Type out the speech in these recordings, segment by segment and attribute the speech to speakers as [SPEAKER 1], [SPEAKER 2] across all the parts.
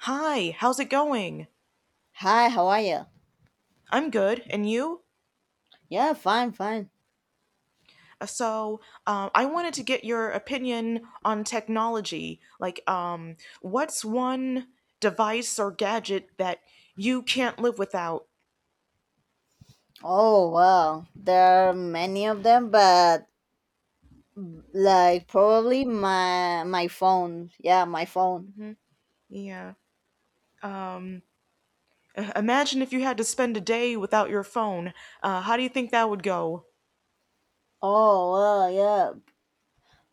[SPEAKER 1] Hi, how's it going?
[SPEAKER 2] Hi, how are you?
[SPEAKER 1] I'm good, and you?
[SPEAKER 2] Yeah, fine, fine.
[SPEAKER 1] Uh, So, I wanted to get your opinion on technology. What's one device or gadget that you can't live without?
[SPEAKER 2] Oh, wow. There are many of them, but like probably my phone. Yeah, my phone.
[SPEAKER 1] Hmm. Yeah. Um, Imagine if you had to spend a day without your phone. How do you think that would go?
[SPEAKER 2] Oh, well, yeah.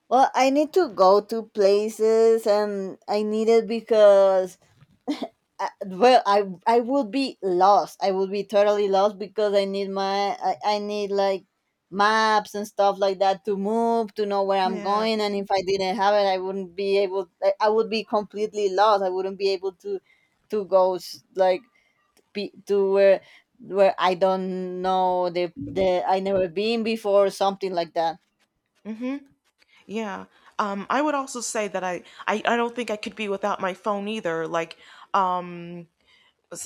[SPEAKER 2] Well, I need to go to places and I need it because well I would be lost. I would be totally lost because I need I need like maps and stuff like that to move, to know where I'm
[SPEAKER 1] Yeah.
[SPEAKER 2] going. And if I didn't have it, I wouldn't be able, I would be completely lost. I wouldn't be able to go s- like be, to where I don't know, the I never been before, something like that.
[SPEAKER 1] Mm-hmm. Yeah. I would also say that I don't think I could be without my phone either. Um,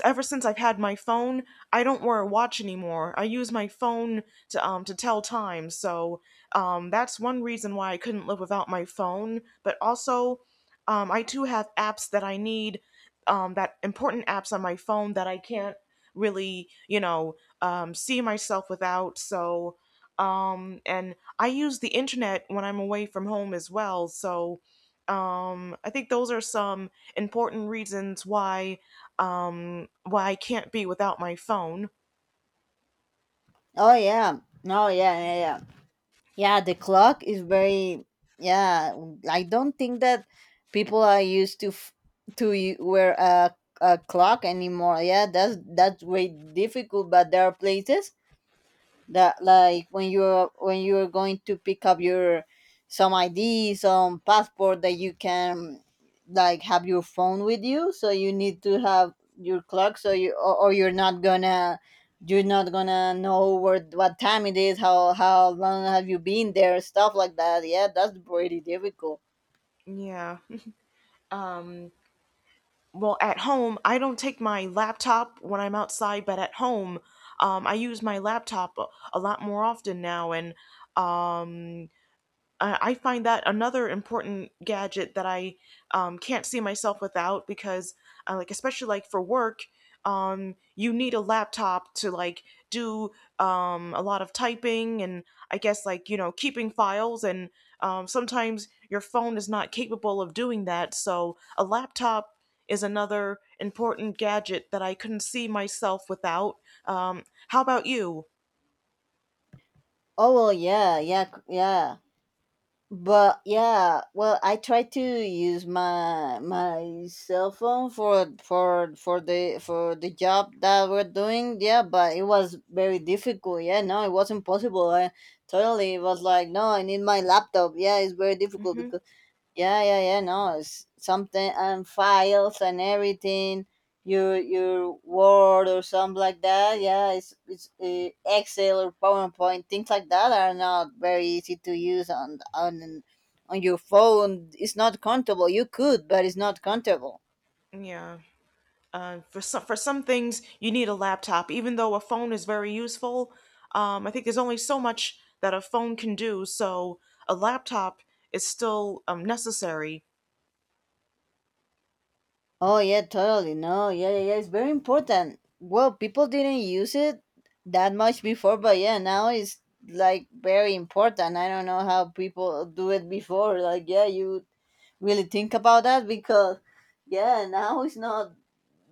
[SPEAKER 1] Ever since I've had my phone, I don't wear a watch anymore. I use my phone to tell time. So that's one reason why I couldn't live without my phone. But also, I too have apps that I need, that important apps on my phone that I can't really. See myself without. So and I use the internet when I'm away from home as well. So I think those are some important reasons why well I can't be without my phone.
[SPEAKER 2] Oh yeah no yeah, yeah, yeah. Yeah, the clock is very, yeah. I don't think that people are used to wear a clock anymore. Yeah, that's way difficult. But there are places that, like, when you're going to pick up your some id, some passport, that you can, like, have your phone with you, so you need to have your clock, so you or you're not gonna, you're not gonna know where what time it is, how long have you been there, stuff like that. Yeah, that's pretty difficult.
[SPEAKER 1] Yeah. um well at home I don't take my laptop when I'm outside, but at home I use my laptop a lot more often now. And um I find that another important gadget that I can't see myself without because, especially like for work, you need a laptop to like do a lot of typing. And I guess like you know keeping files and sometimes your phone is not capable of doing that. So a laptop is another important gadget that I couldn't see myself without. Um, how about you?
[SPEAKER 2] Yeah, but yeah, well, I try to use my cell phone for for the job that we're doing. Yeah, but it was very difficult. Yeah, no, it wasn't possible. I, totally, it was like, no, I need my laptop. Yeah, it's very difficult
[SPEAKER 1] Hmm.
[SPEAKER 2] because yeah, yeah, yeah, no, it's something, and files and everything, your word or something like that. Yeah, it's Excel or PowerPoint, things like that are not very easy to use on your phone. It's not comfortable. You could, but it's not comfortable.
[SPEAKER 1] Yeah. For some things, you need a laptop, even though a phone is very useful. I think there's only so much that a phone can do, so a laptop is still necessary.
[SPEAKER 2] Oh yeah, totally. No, yeah, yeah, yeah. It's very important. Well, people didn't use it that much before, but yeah, now it's, like, very important. I don't know how people do it before. Like, yeah, you really think about that because, yeah, now it's not.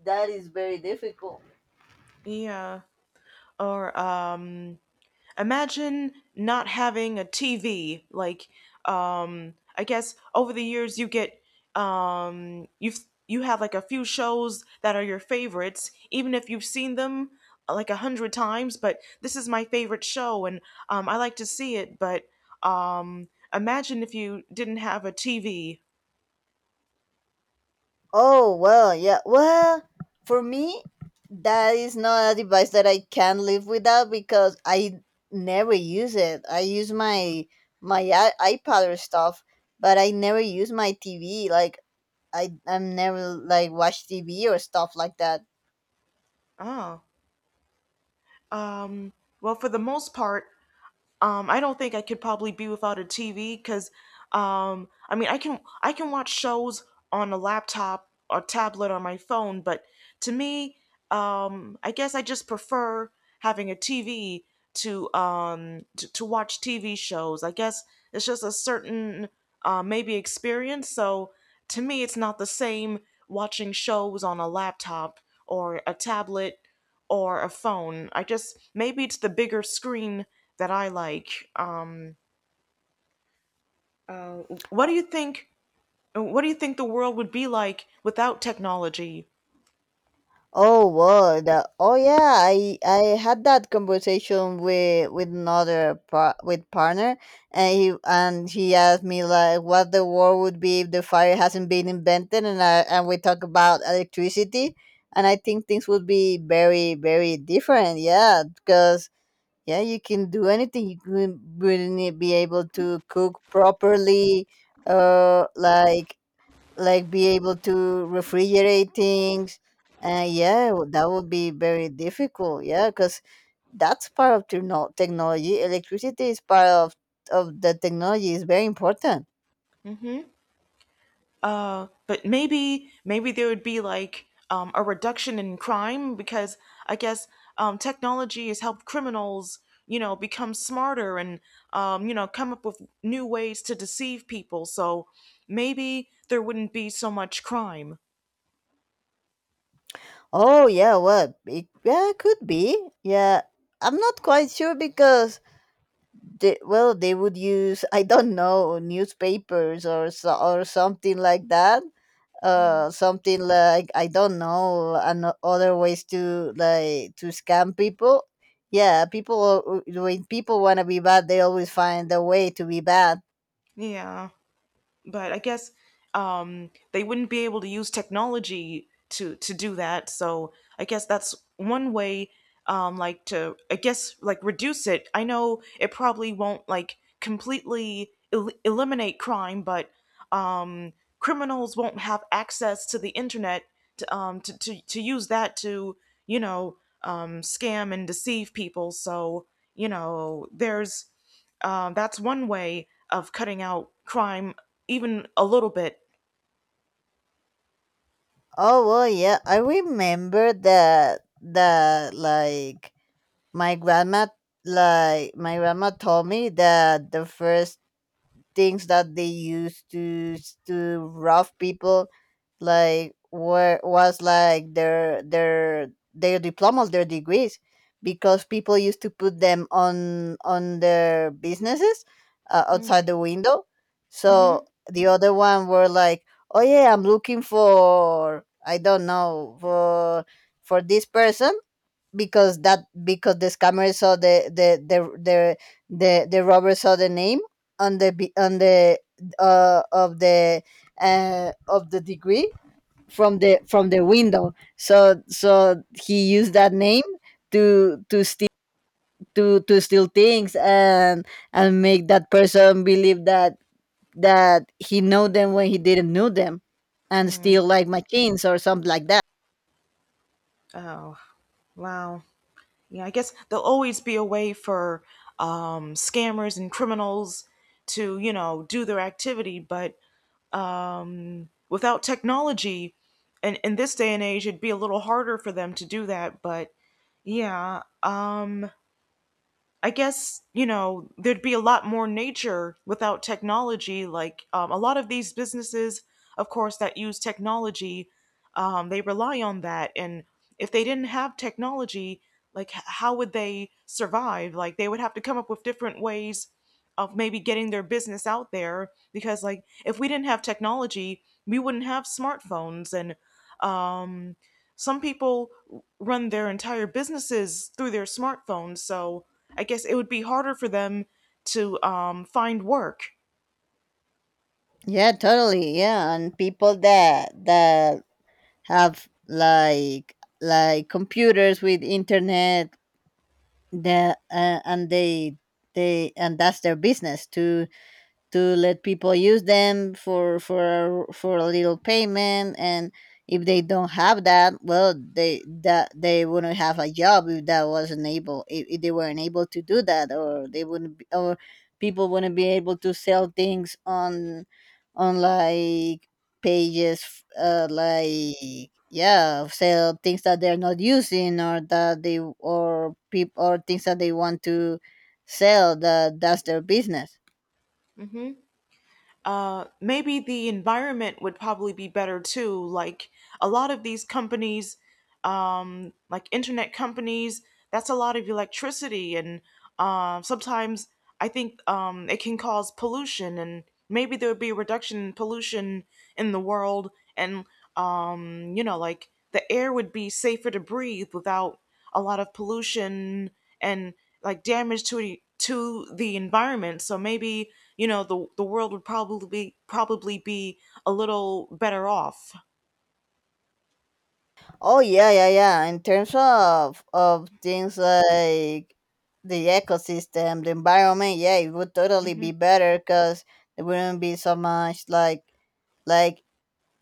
[SPEAKER 2] That is very difficult.
[SPEAKER 1] Yeah, or imagine not having a TV. I guess over the years you get um, you've you have like a few shows that are your favorites, even if you've seen them like a hundred times. But this is my favorite show, and I like to see it. But imagine if you didn't have a TV.
[SPEAKER 2] Oh, well, yeah. Well, for me, that is not a device that I can live without, because I never use it. I use my iPad or stuff, but I never use my TV. Like, I'm never, like, watch TV or stuff like that.
[SPEAKER 1] Oh, um, well, for the most part, I don't think I could probably be without a tv because I mean i can watch shows on a laptop or tablet or my phone, but to me I guess I just prefer having a tv to watch TV shows. I guess it's just a certain maybe experience. So to me, it's not the same watching shows on a laptop or a tablet or a phone. I just, maybe it's the bigger screen that I like. Uh, what do you think? What do you think the world would be like without technology?
[SPEAKER 2] Oh well, that, oh yeah, I had that conversation with another par- with partner, and he asked me, like, what the world would be if the fire hasn't been invented. And we talk about electricity, and I think things would be very, very different, yeah. Because yeah, you can do anything, you can really be able to cook properly, like like be able to refrigerate things. And yeah, that would be very difficult, yeah, because that's part of technology. Electricity is part of the technology, is very important.
[SPEAKER 1] Hmm. But maybe there would be like a reduction in crime because I guess technology has helped criminals, you know, become smarter and you know come up with new ways to deceive people. So maybe there wouldn't be so much crime.
[SPEAKER 2] Oh yeah, well it, yeah, it could be, yeah. I'm not quite sure because well they would use, I don't know, newspapers or something like that. Something like, I don't know, and other ways to, like, to scam people. Yeah, people when people want to be bad, they always find a way to be bad.
[SPEAKER 1] Yeah, but I guess they wouldn't be able to use technology to do that. So I guess that's one way, like to I guess like reduce it. I know it probably won't like completely eliminate crime, but um, criminals won't have access to the internet to use that to, you know, scam and deceive people. So you know there's that's one way of cutting out crime, even a little bit.
[SPEAKER 2] Oh well yeah, I remember that, that, my grandma my grandma told me that the first things that they used to rob people, like, were was like their diplomas, their degrees. Because people used to put them on their businesses, outside the window. So
[SPEAKER 1] Mm-hmm.
[SPEAKER 2] the other one were like, oh yeah, I'm looking for, I don't know, for this person, because that because the scammer saw the robber saw the name on the of the, of the degree from the window. So he used that name to steal, to steal things, and make that person believe that he know them when he didn't know them, and steal like machines or something like that.
[SPEAKER 1] Oh, wow. Yeah, I guess there'll always be a way for scammers and criminals to, you know, do their activity, but without technology, and in this day and age, it'd be a little harder for them to do that. But yeah, I guess, you know, there'd be a lot more nature without technology. Like a lot of these businesses, of course, that use technology, they rely on that. And if they didn't have technology, like how would they survive? Like, they would have to come up with different ways of maybe getting their business out there, because like if we didn't have technology, we wouldn't have smartphones and um some people run their entire businesses through their smartphones. So I guess it would be harder for them to find work.
[SPEAKER 2] Yeah, totally. Yeah, and people that have like computers with internet, that and they and that's their business, to let people use them for a little payment. And if they don't have that, well, they wouldn't have a job. If they weren't able to do that, or they wouldn't be, or people wouldn't be able to sell things on like pages, yeah, sell things that they're not using, or that they, or people, or things that they want to sell, that that's their business.
[SPEAKER 1] Mm-hmm. Maybe the environment would probably be better too. Like a lot of these companies, like internet companies. That's a lot of electricity, and sometimes I think it can cause pollution. And maybe there would be a reduction in pollution in the world, and you know, like the air would be safer to breathe without a lot of pollution and like damage to the environment. So maybe, you know, the world would probably be a little better off.
[SPEAKER 2] Oh yeah, yeah, yeah. In terms of things like the ecosystem, the environment, yeah, it would totally be
[SPEAKER 1] Hmm.
[SPEAKER 2] better because there wouldn't be so much like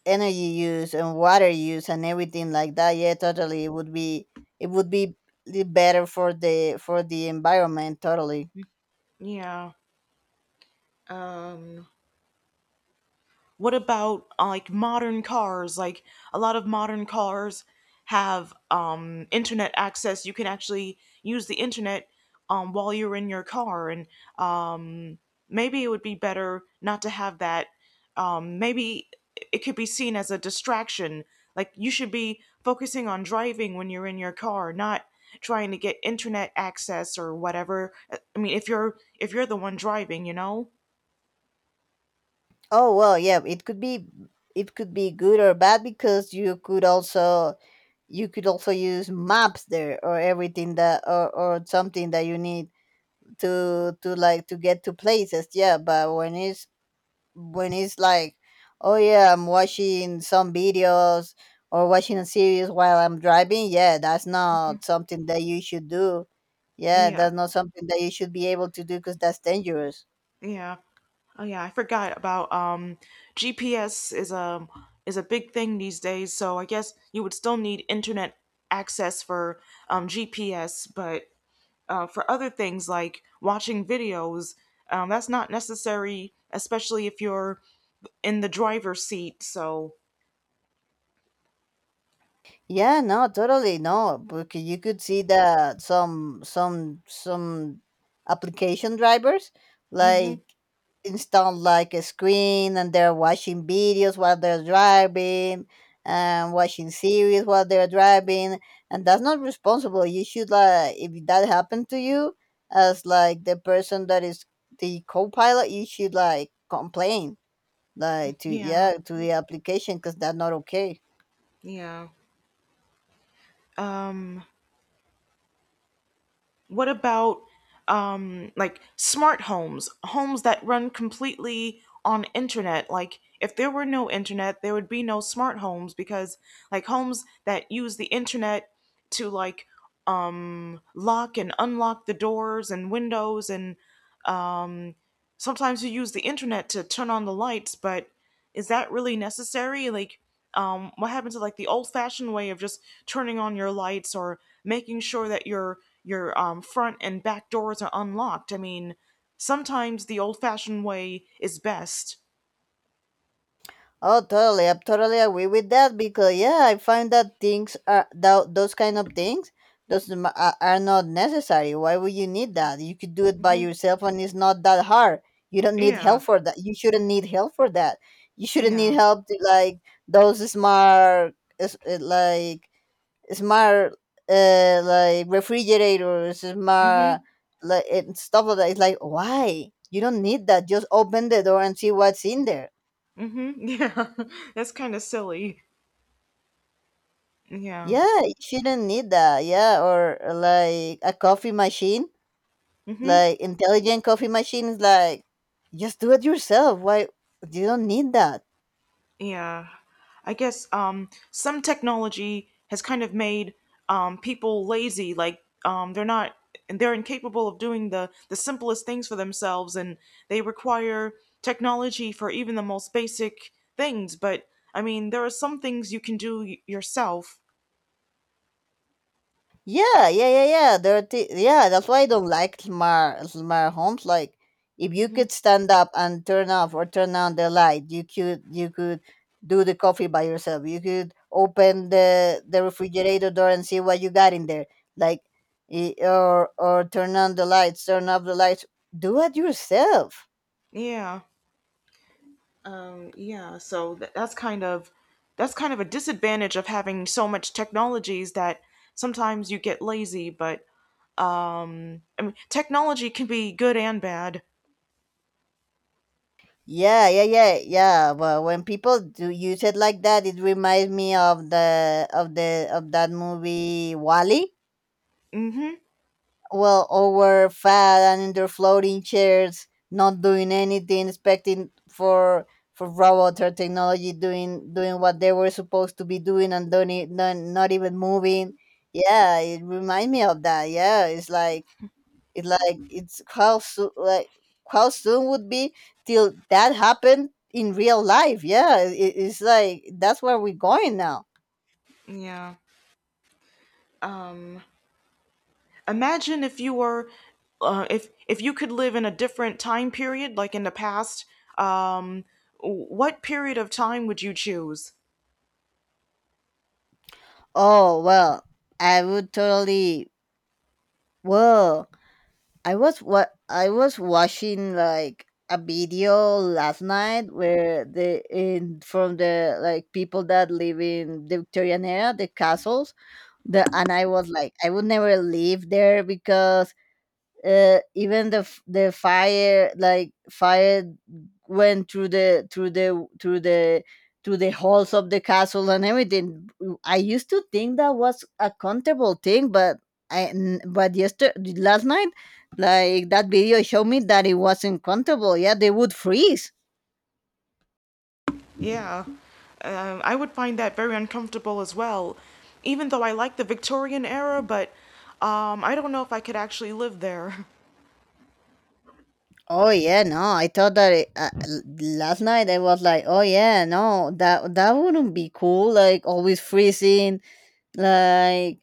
[SPEAKER 2] energy use and water use and everything like that. Yeah, totally. It would be, it would be better for the environment. Totally.
[SPEAKER 1] Yeah. Um, What about like modern cars? Like a lot of modern cars have internet access. You can actually use the internet while you're in your car, and um, maybe it would be better not to have that. Maybe it could be seen as a distraction. Like, you should be focusing on driving when you're in your car, not trying to get internet access or whatever. I mean, if you're the one driving, you know.
[SPEAKER 2] Oh well, yeah. It could be, it could be good or bad, because you could also use maps there or everything that, or something that you need to to get to places. Yeah, but when it's, when it's like, oh yeah, I'm watching some videos or watching a series while I'm driving, yeah, that's
[SPEAKER 1] Hmm.
[SPEAKER 2] not something that you should do. Yeah,
[SPEAKER 1] Yeah,
[SPEAKER 2] that's not something that you should be able to do, because that's dangerous.
[SPEAKER 1] yeah. Oh yeah, I forgot about GPS is a big thing these days, so I guess you would still need internet access for GPS, but for other things like watching videos, that's not necessary, especially if you're in the driver's seat. So,
[SPEAKER 2] Yeah, no, totally, no. Because you could see that some application drivers,
[SPEAKER 1] hmm,
[SPEAKER 2] like, install like a screen and they're watching videos while they're driving and watching series while they're driving, and that's not responsible. You should, like, if that happened to you as, like, the person that is the co-pilot, you should, like, complain, like, to,
[SPEAKER 1] yeah,
[SPEAKER 2] yeah, to the application, because that's not okay.
[SPEAKER 1] yeah. Um. What about like smart homes, homes that run completely on internet? Like if there were no internet, there would be no smart homes because like homes that use the internet to like lock and unlock the doors and windows, and sometimes you use the internet to turn on the lights, but is that really necessary? What happened to like the old-fashioned way of just turning on your lights or making sure that your front and back doors are unlocked? I mean, sometimes the old-fashioned way is best.
[SPEAKER 2] Oh, totally. I totally agree with that, because yeah, I find that things are, that those kind of things, are not necessary. Why would you need that? You could do it by
[SPEAKER 1] Hmm.
[SPEAKER 2] yourself, and it's not that hard. You don't need
[SPEAKER 1] Yeah,
[SPEAKER 2] help for that. You shouldn't need help for that. You shouldn't need
[SPEAKER 1] yeah.
[SPEAKER 2] help to, like, those smart, is- like smart, like refrigerators,
[SPEAKER 1] Hmm.
[SPEAKER 2] smart, like, and stuff like that. It's like, why? You don't need that. Just open the door and see what's in there.
[SPEAKER 1] Hmm. Yeah. That's kind of silly. Yeah.
[SPEAKER 2] Yeah, you shouldn't need that. Yeah, or like a coffee machine,
[SPEAKER 1] Hmm.
[SPEAKER 2] like intelligent coffee machines. Like, just do it yourself. Why, you don't need that?
[SPEAKER 1] Yeah, I guess some technology has kind of made people lazy. Like they're not, and they're incapable of doing the simplest things for themselves, and they require technology for even the most basic things. But I mean, there are some things you can do yourself.
[SPEAKER 2] Yeah, yeah, yeah, yeah. There, yeah, that's why I don't like smart homes. Like, if you could
[SPEAKER 1] Hmm.
[SPEAKER 2] stand up and turn off or turn on the light, you could do the coffee by yourself. You could open the refrigerator door and see what you got in there. Like, or turn on the lights, turn off the lights. Do it yourself.
[SPEAKER 1] Yeah, yeah. So that's kind of a disadvantage of having so much technologies that sometimes you get lazy. But I mean, technology can be good and bad.
[SPEAKER 2] Yeah, yeah, yeah, yeah. But when people do use it like that, it reminds me of the of the of that movie Wally.
[SPEAKER 1] Hmm.
[SPEAKER 2] Well, all were fat and in their floating chairs, not doing anything, expecting for robot or technology doing doing what they were supposed to be doing, and don't not even moving. Yeah, it reminds me of that. Yeah, it's like, it's like, it's how soon, like, how soon would be till that happened in real life. Yeah, it's like that's where we're going now.
[SPEAKER 1] Yeah. Um, Imagine if you were, if you could live in a different time period, like in the past. Um, what period of time would you choose?
[SPEAKER 2] Oh well, I would totally, well, I was, what I was watching, like, a video last night where the in, from the, like, people that live in the Victorian era, the castles, the, and I was like, I would never live there. Because even the the fire, like, fire went through the through the through the through the halls of the castle and everything. I used to think that was a comfortable thing, but yesterday, last night, like, that video showed me that it wasn't comfortable. Yeah, they would freeze.
[SPEAKER 1] Yeah. I would find that very uncomfortable as well. Even though I like the Victorian era, but I don't know if I could actually live there.
[SPEAKER 2] Oh yeah, no, I thought that last night I was like, oh yeah, no, that that wouldn't be cool, like, always freezing, like.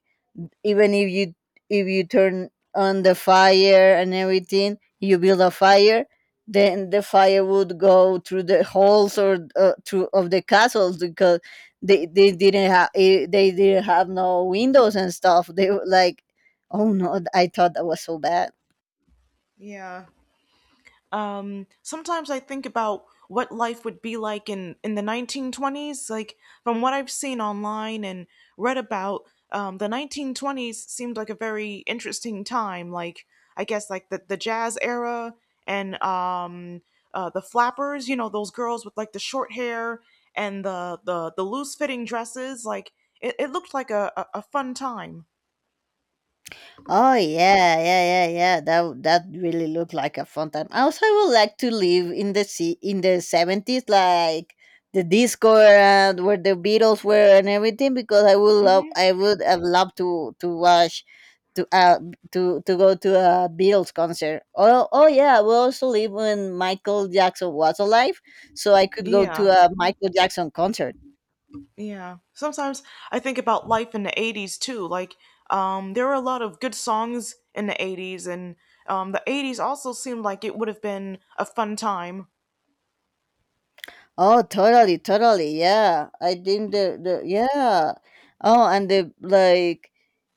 [SPEAKER 2] Even if you, if you turn on the fire and everything, you build a fire, then the fire would go through the holes or through of the castles, because they didn't have, they didn't have no windows and stuff. They were like, oh no, I thought that was so bad.
[SPEAKER 1] Yeah. Sometimes I think about what life would be like in the 1920s, like from what I've seen online and read about. The 1920s seemed like a very interesting time. Like, I guess like the jazz era and the flappers, you know, those girls with like the short hair and the loose fitting dresses. Like, it looked like a a fun time.
[SPEAKER 2] Oh yeah, yeah, yeah, yeah. That really looked like a fun time. Also, I would like to live in the sea in the 70s, like the disco and where the Beatles were and everything, because I would love,
[SPEAKER 1] Hmm.
[SPEAKER 2] I would have loved to watch, to uh to go to a Beatles concert. Oh yeah, I would also live when Michael Jackson was alive, so I could go
[SPEAKER 1] Yeah.
[SPEAKER 2] to a Michael Jackson concert.
[SPEAKER 1] Yeah. Sometimes I think about life in the 80s too. There were a lot of good songs in the 80s, and the 80s also seemed like it would have been a fun time.
[SPEAKER 2] Oh, totally, totally. Yeah. I think the yeah. Oh, and the like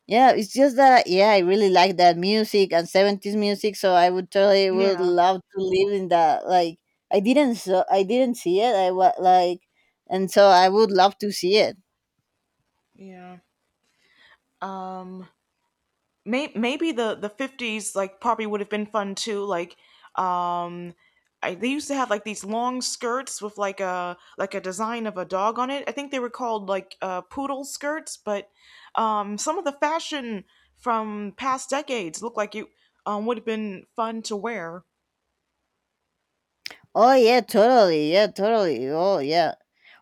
[SPEAKER 2] yeah, it's just that yeah, I really like that music and 70s music, so I would totally would
[SPEAKER 1] Yeah.
[SPEAKER 2] love to live in that like I didn't see it. I was like and so I would love to see it.
[SPEAKER 1] Yeah. Um, maybe the 50s like probably would have been fun too. Like, um they used to have like these long skirts with like a design of a dog on it. I think they were called like poodle skirts, but some of the fashion from past decades looked like it would have been fun to wear.
[SPEAKER 2] Oh yeah, totally. Yeah, totally. Oh yeah.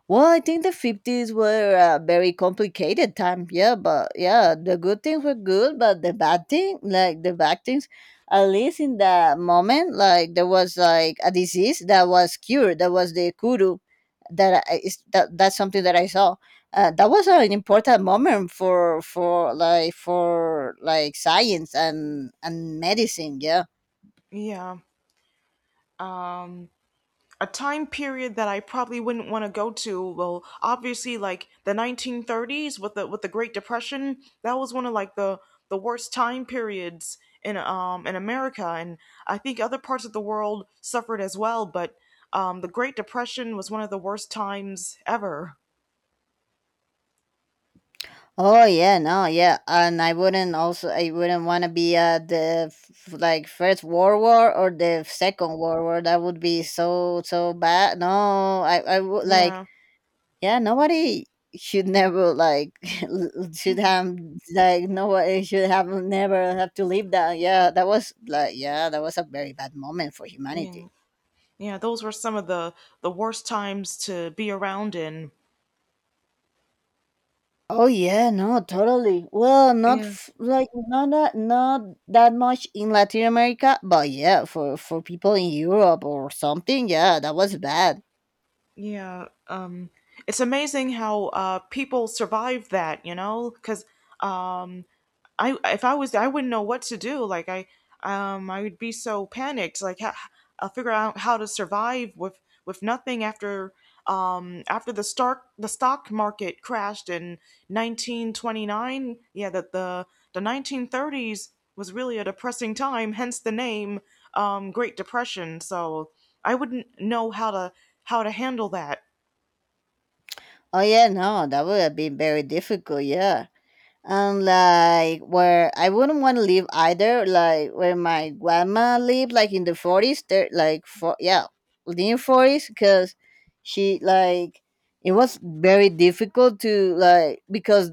[SPEAKER 2] Well, I think the 50s were a very complicated time. Yeah, but yeah, the good things were good, but the bad thing, like the bad things, at least in that moment, like there was like a disease that was cured. That was the kuru. That's something that I saw. That was an important moment for for like science and medicine. Yeah.
[SPEAKER 1] Yeah. Um, a time period that I probably wouldn't want to go to. Well, obviously, like the 1930s with the Great Depression, that was one of like the worst time periods in America, and I think other parts of the world suffered as well. But the Great Depression was one of the worst times ever.
[SPEAKER 2] Oh yeah, no, yeah, and I wouldn't want to be like first world war or the second world war. That would be so bad. No, I would like
[SPEAKER 1] Yeah,
[SPEAKER 2] yeah nobody should never like should have like nobody should have never have to live that. Yeah, that was like yeah that was a very bad moment for
[SPEAKER 1] yeah,
[SPEAKER 2] humanity.
[SPEAKER 1] yeah. Those were some of the worst times to be around in.
[SPEAKER 2] Oh yeah, no, totally. Well, not
[SPEAKER 1] Yeah.
[SPEAKER 2] f- like not that much in Latin America, but yeah, for people in Europe or something, yeah, that was bad.
[SPEAKER 1] Yeah, it's amazing how people survive that, you know, because I if I was I wouldn't know what to do. Like, I would be so panicked. Like how, I'll figure out how to survive with nothing after after the stock market crashed in 1929. Yeah, that the 1930s was really a depressing time. Hence the name Great Depression. So I wouldn't know how to handle that.
[SPEAKER 2] Oh yeah, no, that would have been very difficult. Yeah. And like where I wouldn't want to live either, like where my grandma lived, like in the 40s, there, like for yeah, near forties, because she like it was very difficult to like because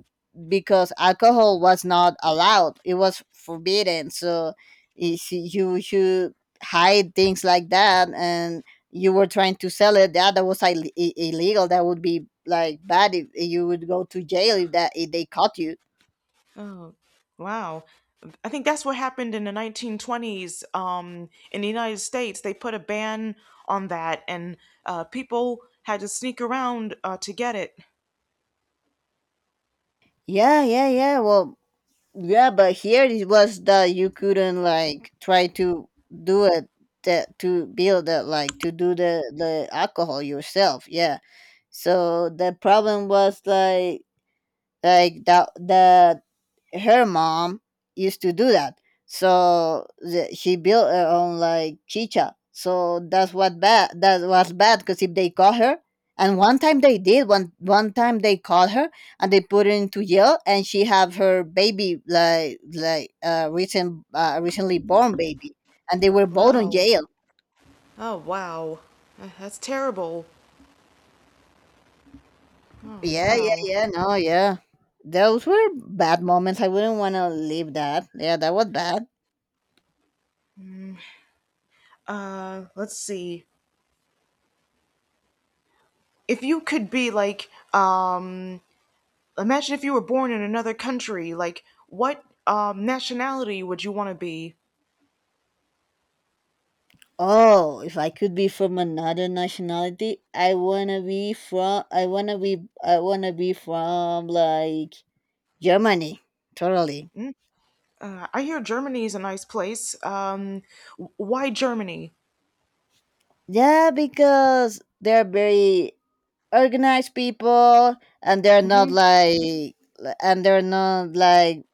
[SPEAKER 2] because alcohol was not allowed, it was forbidden, so you see, you should hide things like that, and you were trying to sell it. That was illegal. That would be like bad if you would go to jail if they caught you.
[SPEAKER 1] Oh, wow. I think that's what happened in the 1920s, in the United States. They put a ban on that, and people had to sneak around to get it.
[SPEAKER 2] Yeah, yeah, yeah. Well, yeah, but here it was that you couldn't like try to do it that to build it like to do the alcohol yourself. Yeah. So the problem was like that the her mom used to do that. So the, she built her own like chicha. So that's what bad. That was bad because if they caught her, and one time they did. One time they caught her and they put her into jail, and she have her baby like recent recently born baby, and they were both in
[SPEAKER 1] Wow.
[SPEAKER 2] jail.
[SPEAKER 1] Oh, wow. That's terrible. Oh,
[SPEAKER 2] Yeah, yeah,
[SPEAKER 1] wow.
[SPEAKER 2] yeah. No, yeah. Those were bad moments. I wouldn't want to leave that. Yeah, that was bad.
[SPEAKER 1] Let's see. If you could be like, imagine if you were born in another country, like, what nationality would you want to be?
[SPEAKER 2] Oh, if I could be from another nationality, I wanna be from like Germany. Totally.
[SPEAKER 1] Mm. I hear Germany's a nice place. Why Germany?
[SPEAKER 2] Yeah, because they're very organized people and they're not
[SPEAKER 1] Hmm.
[SPEAKER 2] like and they're not like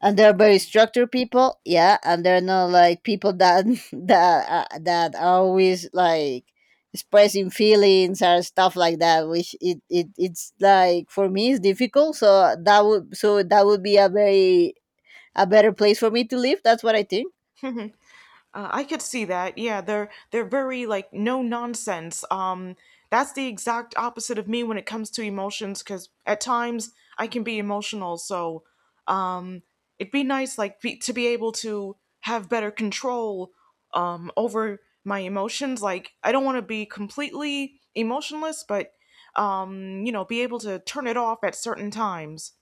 [SPEAKER 2] and they're very structured people yeah and they're not like people that that that are always like expressing feelings or stuff like that which it's like for me it's difficult so that would be a very a better place for me to live that's what I think.
[SPEAKER 1] I could see that. Yeah, they're very like no nonsense. That's the exact opposite of me when it comes to emotions, because at times I can be emotional. So, um, it'd be nice to be able to have better control over my emotions. Like I don't want to be completely emotionless, but you know, be able to turn it off at certain times.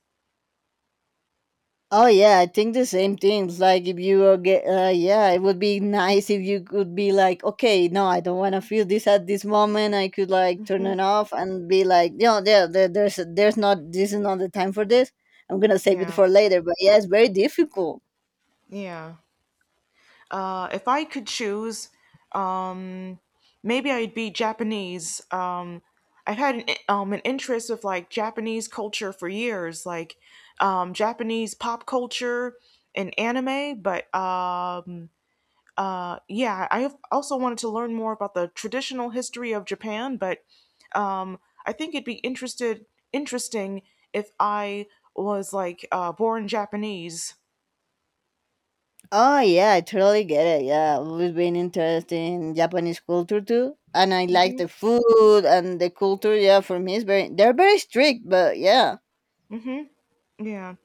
[SPEAKER 2] Oh yeah, I think the same things. Like if you are yeah, it would be nice if you could be like, okay, no, I don't want to feel this at this moment. I could like turn
[SPEAKER 1] Hmm.
[SPEAKER 2] it off and be like, you know, there's not, this is not the time for this. I'm gonna save it
[SPEAKER 1] Yeah,
[SPEAKER 2] for later. But yeah, it's very difficult.
[SPEAKER 1] yeah. If I could choose, um, maybe I'd be Japanese. I've had an interest of like Japanese culture for years, like Japanese pop culture and anime. But yeah, I have also wanted to learn more about the traditional history of Japan. But um, I think it'd be interested interesting if I was like born Japanese.
[SPEAKER 2] Oh yeah, I totally get it. Yeah, I've always been interested in Japanese culture too, and I like
[SPEAKER 1] Mm-hmm.
[SPEAKER 2] the food and the culture. Yeah, for me, they're very strict, but yeah.
[SPEAKER 1] Mm-hmm. Yeah.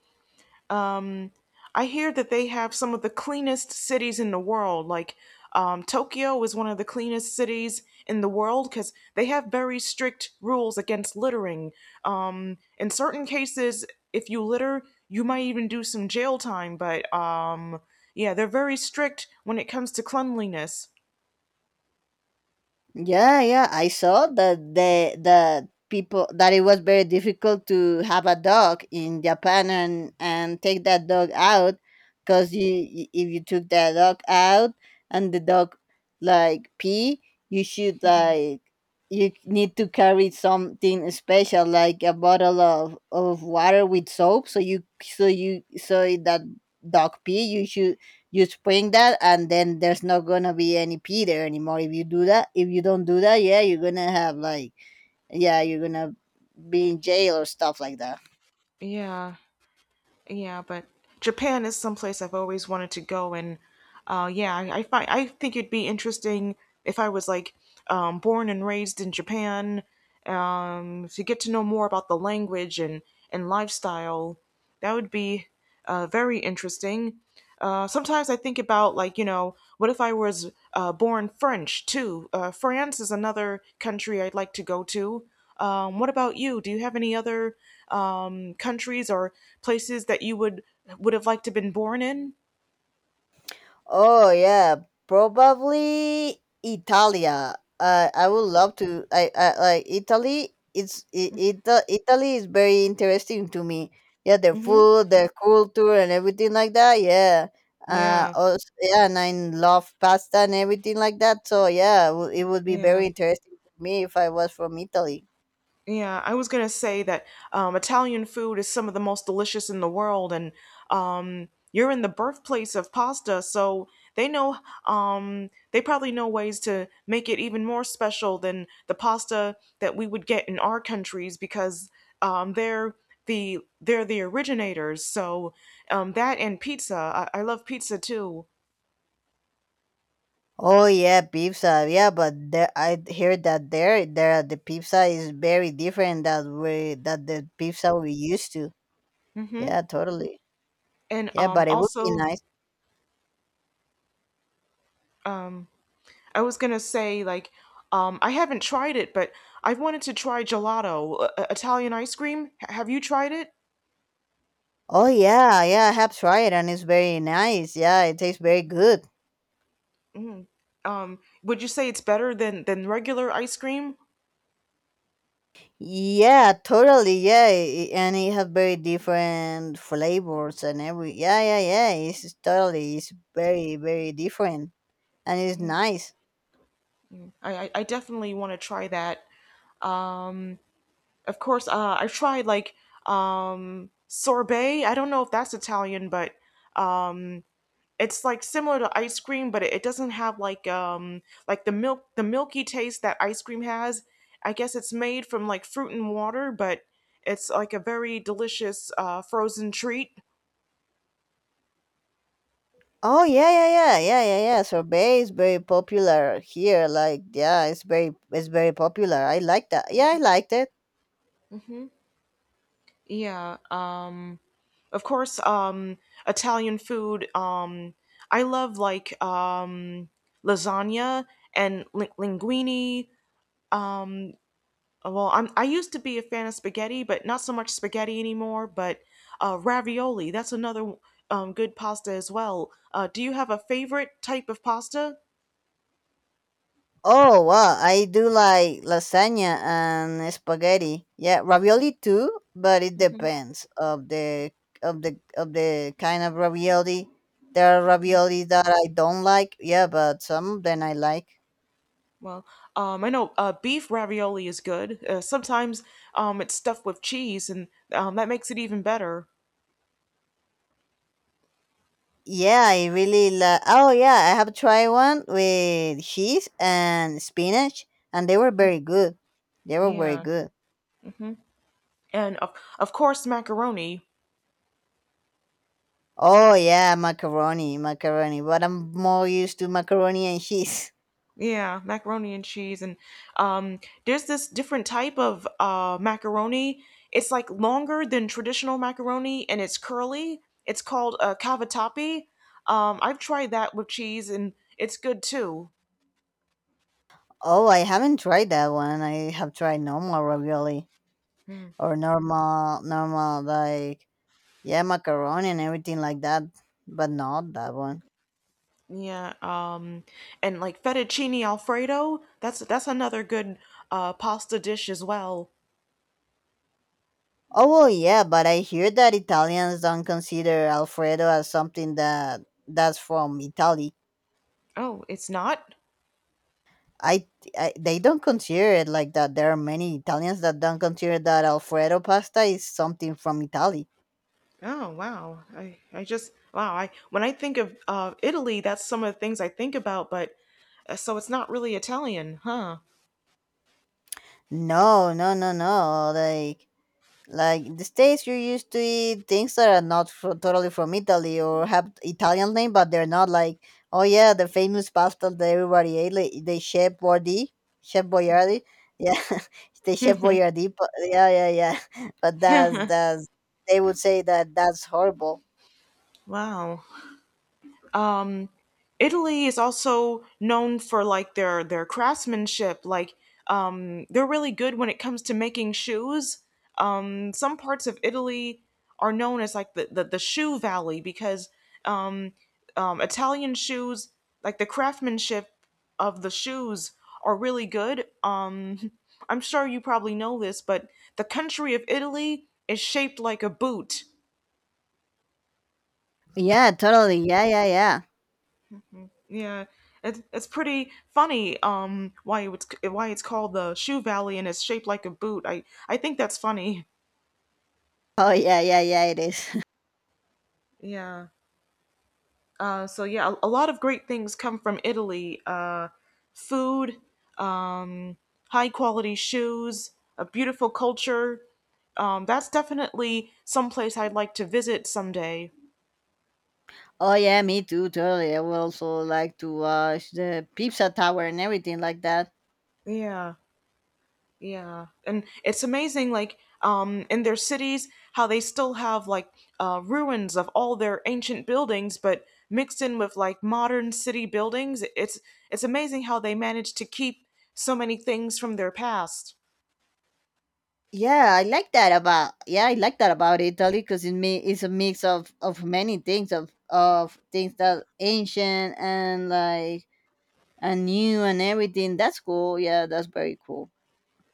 [SPEAKER 1] Um, I hear that they have some of the cleanest cities in the world. Like Tokyo is one of the cleanest cities in the world because they have very strict rules against littering. In certain cases, if you litter, you might even do some jail time. But yeah, they're very strict when it comes to cleanliness.
[SPEAKER 2] Yeah, yeah, I saw that the people that it was very difficult to have a dog in Japan and take that dog out because you if you took that dog out and the dog like pee, you should
[SPEAKER 1] Mhm.
[SPEAKER 2] like you need to carry something special like a bottle of water with soap so you so that dog pee you should you spring that and then there's not gonna be any pee there anymore if you do that if you don't do that yeah you're gonna have like yeah you're gonna be in jail or stuff like that.
[SPEAKER 1] Yeah. Yeah, but Japan is someplace I've always wanted to go, and yeah, I find I think it'd be interesting if I was like born and raised in Japan to get to know more about the language and lifestyle. That would be very interesting. Sometimes I think about like you know, what if I was born French too? France is another country I'd like to go to. What about you? Do you have any other countries or places that you would have liked to been born in?
[SPEAKER 2] Oh yeah, probably Italia. I would love to. I like Italy. Italy is very interesting to me. Yeah, their
[SPEAKER 1] Mhm.
[SPEAKER 2] food, their culture, and everything like that. Yeah.
[SPEAKER 1] Yeah,
[SPEAKER 2] Also, yeah, and I love pasta and everything like that. So yeah, it would be
[SPEAKER 1] yeah,
[SPEAKER 2] very interesting to me if I was from Italy.
[SPEAKER 1] yeah. I was gonna say that Italian food is some of the most delicious in the world, and you're in the birthplace of pasta, so they know. They probably know ways to make it even more special than the pasta that we would get in our countries because um, they're they're the originators. So that and pizza. I love pizza too.
[SPEAKER 2] Oh yeah, pizza. Yeah, but there, I heard that there the pizza is very different that we that the pizza we used to.
[SPEAKER 1] Hmm.
[SPEAKER 2] Yeah, totally.
[SPEAKER 1] And
[SPEAKER 2] Yeah, but it would be
[SPEAKER 1] also,
[SPEAKER 2] nice.
[SPEAKER 1] um, I was gonna say like, I haven't tried it, but I've wanted to try gelato, Italian ice cream. H- have you tried it?
[SPEAKER 2] Oh yeah, yeah, I have tried and it's very nice. Yeah, it tastes very good.
[SPEAKER 1] Mm, um, would you say it's better than regular ice cream?
[SPEAKER 2] Yeah, totally. And it has very different flavors and every. Yeah, yeah, yeah. It's totally. It's very different, and it's nice.
[SPEAKER 1] I definitely want to try that. Of course, I've tried like sorbet. I don't know if that's Italian, but um, it's like similar to ice cream, but it doesn't have like the milky taste that ice cream has. I guess it's made from like fruit and water, but it's like a very delicious frozen treat.
[SPEAKER 2] Oh yeah, yeah, yeah, yeah, yeah, yeah. Sorbet is very popular here. Like, yeah, it's very popular. I like that. Yeah, I liked it.
[SPEAKER 1] Hmm. Yeah. Of course. Italian food. I love like lasagna and li- linguine. Um, I used to be a fan of spaghetti, but not so much spaghetti anymore. But ravioli, that's another good pasta as well. Do you have a favorite type of pasta?
[SPEAKER 2] Oh wow, I do like lasagna and spaghetti. Yeah, ravioli too, but it
[SPEAKER 1] Hmm.
[SPEAKER 2] depends of the of the kind of ravioli. There are ravioli that I don't like. Yeah, but some of them I like.
[SPEAKER 1] Well, I know beef ravioli is good. Sometimes it's stuffed with cheese, and that makes it even better.
[SPEAKER 2] Yeah, I really like. Oh yeah, I have tried one with cheese and spinach, and they were very good. They were very
[SPEAKER 1] Yeah.
[SPEAKER 2] good.
[SPEAKER 1] Hmm. And of course, macaroni.
[SPEAKER 2] Oh yeah, macaroni. But I'm more used to macaroni and cheese.
[SPEAKER 1] Yeah, macaroni and cheese, and there's this different type of macaroni. It's like longer than traditional macaroni, and it's curly. It's called cavatappi. I've tried that with cheese, and it's good too.
[SPEAKER 2] Oh, I haven't tried that one. I have tried normal ravioli or normal like yeah, macaroni and everything like that, but not that one.
[SPEAKER 1] Yeah, and like fettuccine alfredo. That's another good pasta dish as well.
[SPEAKER 2] Oh well, yeah, but I hear that Italians don't consider Alfredo as something that that's from Italy.
[SPEAKER 1] Oh, it's not.
[SPEAKER 2] I, I they don't consider it like that. There are many Italians that don't consider that Alfredo pasta is something from Italy.
[SPEAKER 1] Oh wow. I when I think of Italy, that's some of the things I think about, but so it's not really Italian, huh?
[SPEAKER 2] No, no, no, no. Like the states you're used to eat things that are not fro totally from Italy or have Italian name, but they're not like oh yeah the famous pasta that everybody ate, like the Chef Boyardee, Chef Boyardee, yeah, the Chef Boyardee, but yeah, yeah, yeah. But that's they would say that that's horrible.
[SPEAKER 1] Wow. Um, Italy is also known for like their craftsmanship. Like they're really good when it comes to making shoes. Some parts of Italy are known as like the shoe valley because um, Italian shoes, like the craftsmanship of the shoes, are really good. I'm sure you probably know this, but the country of Italy is shaped like a boot.
[SPEAKER 2] Yeah, totally. Yeah, yeah, yeah.
[SPEAKER 1] Yeah, it's pretty funny why it's called the Shoe Valley and it's shaped like a boot. I think that's funny.
[SPEAKER 2] Oh yeah, yeah, yeah. It is.
[SPEAKER 1] Yeah. So yeah, a lot of great things come from Italy. Food, um, high quality shoes, a beautiful culture. That's definitely someplace I'd like to visit someday.
[SPEAKER 2] Oh yeah, me too, totally. I would also like to watch the pizza tower and everything like that.
[SPEAKER 1] Yeah. Yeah, and it's amazing, like in their cities, how they still have like ruins of all their ancient buildings, but mixed in with like modern city buildings. It's amazing how they manage to keep so many things from their past.
[SPEAKER 2] Yeah, I like that about yeah, I like that about Italy because it me it's a mix of many things of things that ancient and like and new and everything. That's cool. Yeah, that's very cool.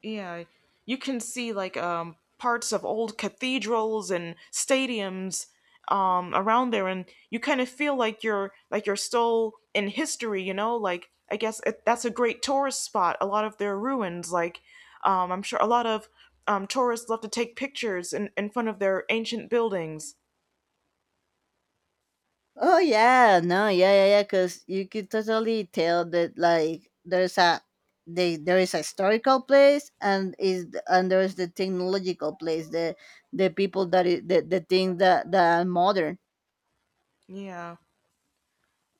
[SPEAKER 1] Yeah, you can see like parts of old cathedrals and stadiums around there and you kind of feel like you're still in history, you know? Like I guess that's a great tourist spot. A lot of their ruins like I'm sure a lot of tourists love to take pictures in front of their ancient buildings.
[SPEAKER 2] Oh yeah, no, yeah, yeah, yeah. Because you could totally tell that like there is a historical place and is and there's the technological place the people that is the things that that are modern.
[SPEAKER 1] Yeah.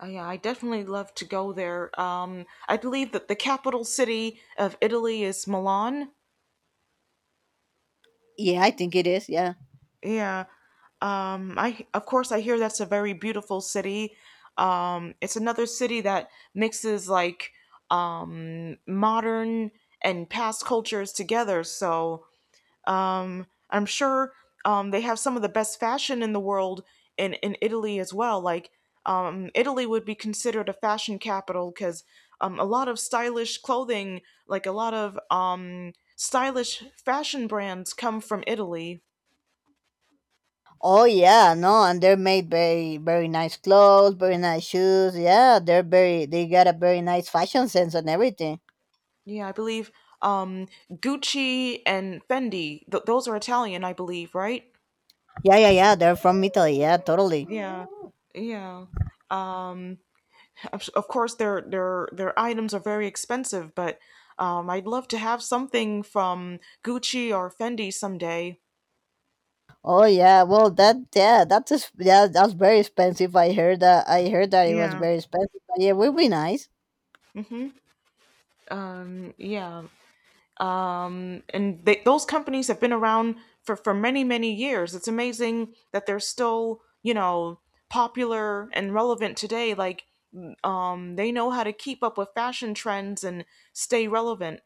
[SPEAKER 1] Yeah, I definitely love to go there. I believe that the capital city of Italy is Milan.
[SPEAKER 2] Yeah, I think it is. Yeah.
[SPEAKER 1] Yeah. I of course I hear that's a very beautiful city. It's another city that mixes like modern and past cultures together. So I'm sure they have some of the best fashion in the world in Italy as well. Like Italy would be considered a fashion capital because a lot of stylish clothing, like a lot of stylish fashion brands, come from Italy.
[SPEAKER 2] Oh yeah, no, and they're made very nice clothes, very nice shoes. Yeah, they got a very nice fashion sense and everything.
[SPEAKER 1] Yeah, I believe Gucci and Fendi, th those are Italian, I believe, right?
[SPEAKER 2] Yeah, yeah, yeah, they're from Italy. Yeah, totally.
[SPEAKER 1] Yeah. Yeah. Um, of course their items are very expensive, but I'd love to have something from Gucci or Fendi someday.
[SPEAKER 2] Oh yeah, well that yeah, yeah, that's very expensive. I heard that it was
[SPEAKER 1] Yeah.
[SPEAKER 2] very expensive. But yeah, it would be nice.
[SPEAKER 1] Mm-hmm. Um, yeah. Um, and they, those companies have been around for many years. It's amazing that they're still you know popular and relevant today. Like they know how to keep up with fashion trends and stay relevant.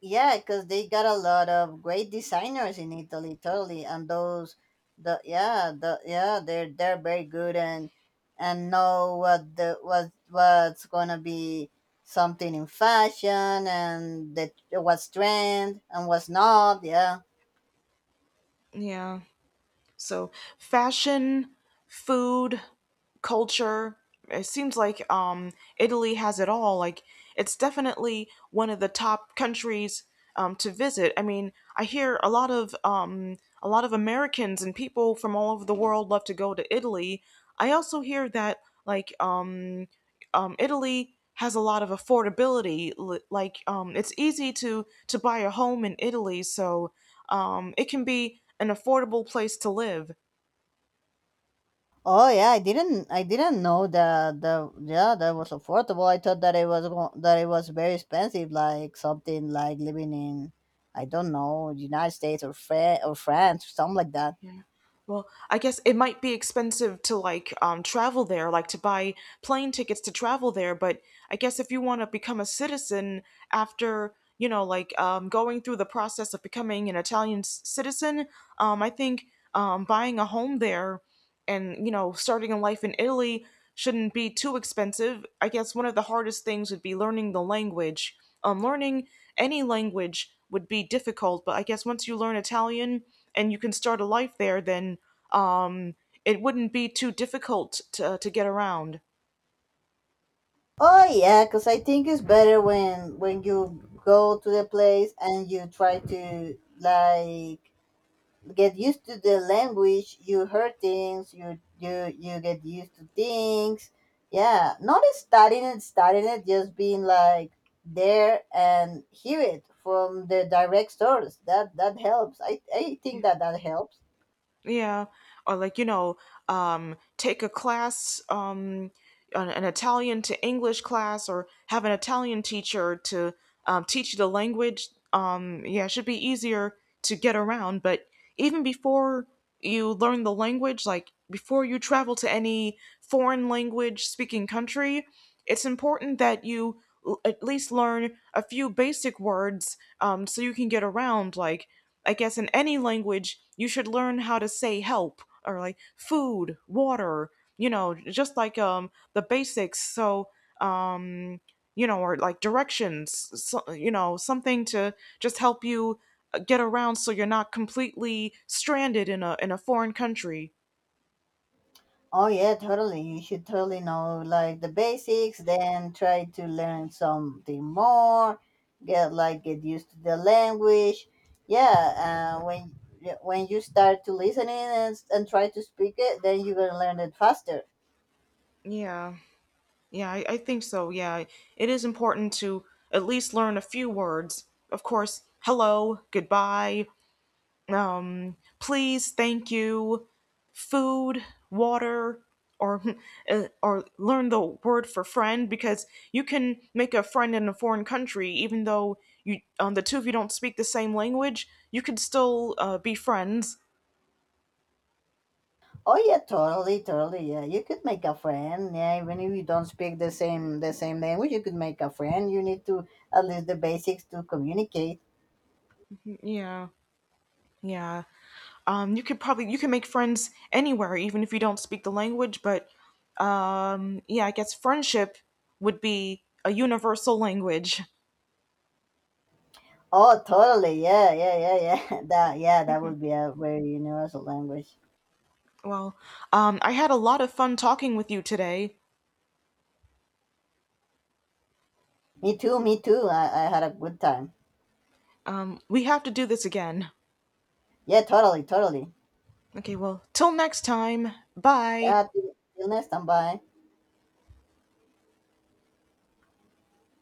[SPEAKER 2] Yeah, because they got a lot of great designers in Italy, totally. And those, the yeah, they're very good and know what the what what's gonna be something in fashion and that what's trend and what's not. Yeah.
[SPEAKER 1] Yeah. So fashion, food, culture. It seems like Italy has it all. Like it's definitely one of the top countries to visit. I mean, I hear a lot of Americans and people from all over the world love to go to Italy. I also hear that like Italy has a lot of affordability. Li- Like it's easy to buy a home in Italy, so it can be an affordable place to live.
[SPEAKER 2] Oh yeah, I didn't know that the yeah that was affordable. I thought that that it was very expensive, like something like living in I don't know United States or France or something like that.
[SPEAKER 1] Yeah. Well, I guess it might be expensive to like travel there, like to buy plane tickets to travel there. But I guess if you want to become a citizen after you know, like going through the process of becoming an Italian s- citizen, I think buying a home there and you know starting a life in Italy shouldn't be too expensive. I guess one of the hardest things would be learning the language, learning any language would be difficult, but I guess once you learn Italian and you can start a life there, then um, it wouldn't be too difficult to get around.
[SPEAKER 2] Oh yeah, because I think it's better when you go to the place and you try to like get used to the language. You hear things. You you get used to things. Yeah, not studying it, just being like there and hear it from the direct source. That helps. I
[SPEAKER 1] Yeah.
[SPEAKER 2] think that that helps.
[SPEAKER 1] Yeah. Or like you know take a class an Italian to English class or have an Italian teacher to teach you the language. Um, yeah, it should be easier to get around. But even before you learn the language, like before you travel to any foreign language speaking country, it's important that you l- at least learn a few basic words so you can get around. Like, I guess in any language, you should learn how to say help or like food, water, you know just like the basics so um you know or like directions so, you know something to just help you get around so you're not completely stranded in a foreign country.
[SPEAKER 2] Oh yeah, totally. You should totally know like the basics, then try to learn something more, get like get used to the language. Yeah, when yeah, when you start to listening and try to speak it, then you're gonna learn it faster.
[SPEAKER 1] Yeah. Yeah, I think so. Yeah, it is important to at least learn a few words, of course: hello, goodbye, um, please, thank you, food, water, or or learn the word for friend, because you can make a friend in a foreign country even though you the two of you don't speak the same language. You could still be friends.
[SPEAKER 2] Oh yeah, totally, totally. Yeah, you could make a friend. Yeah, even if you don't speak the same language, you could make a friend. You need to at least the basics to communicate.
[SPEAKER 1] Yeah, yeah. You could probably you can make friends anywhere even if you don't speak the language. But yeah, I guess friendship would be a universal language.
[SPEAKER 2] Oh, totally. Yeah, yeah, yeah, yeah. That, yeah, that would be a very universal language.
[SPEAKER 1] Well, I had a lot of fun talking with you today.
[SPEAKER 2] Me too, me too. I had a good time.
[SPEAKER 1] We have to do this again.
[SPEAKER 2] Yeah, totally, totally.
[SPEAKER 1] Okay, well, till next time. Bye.
[SPEAKER 2] Yeah, till next time. Bye.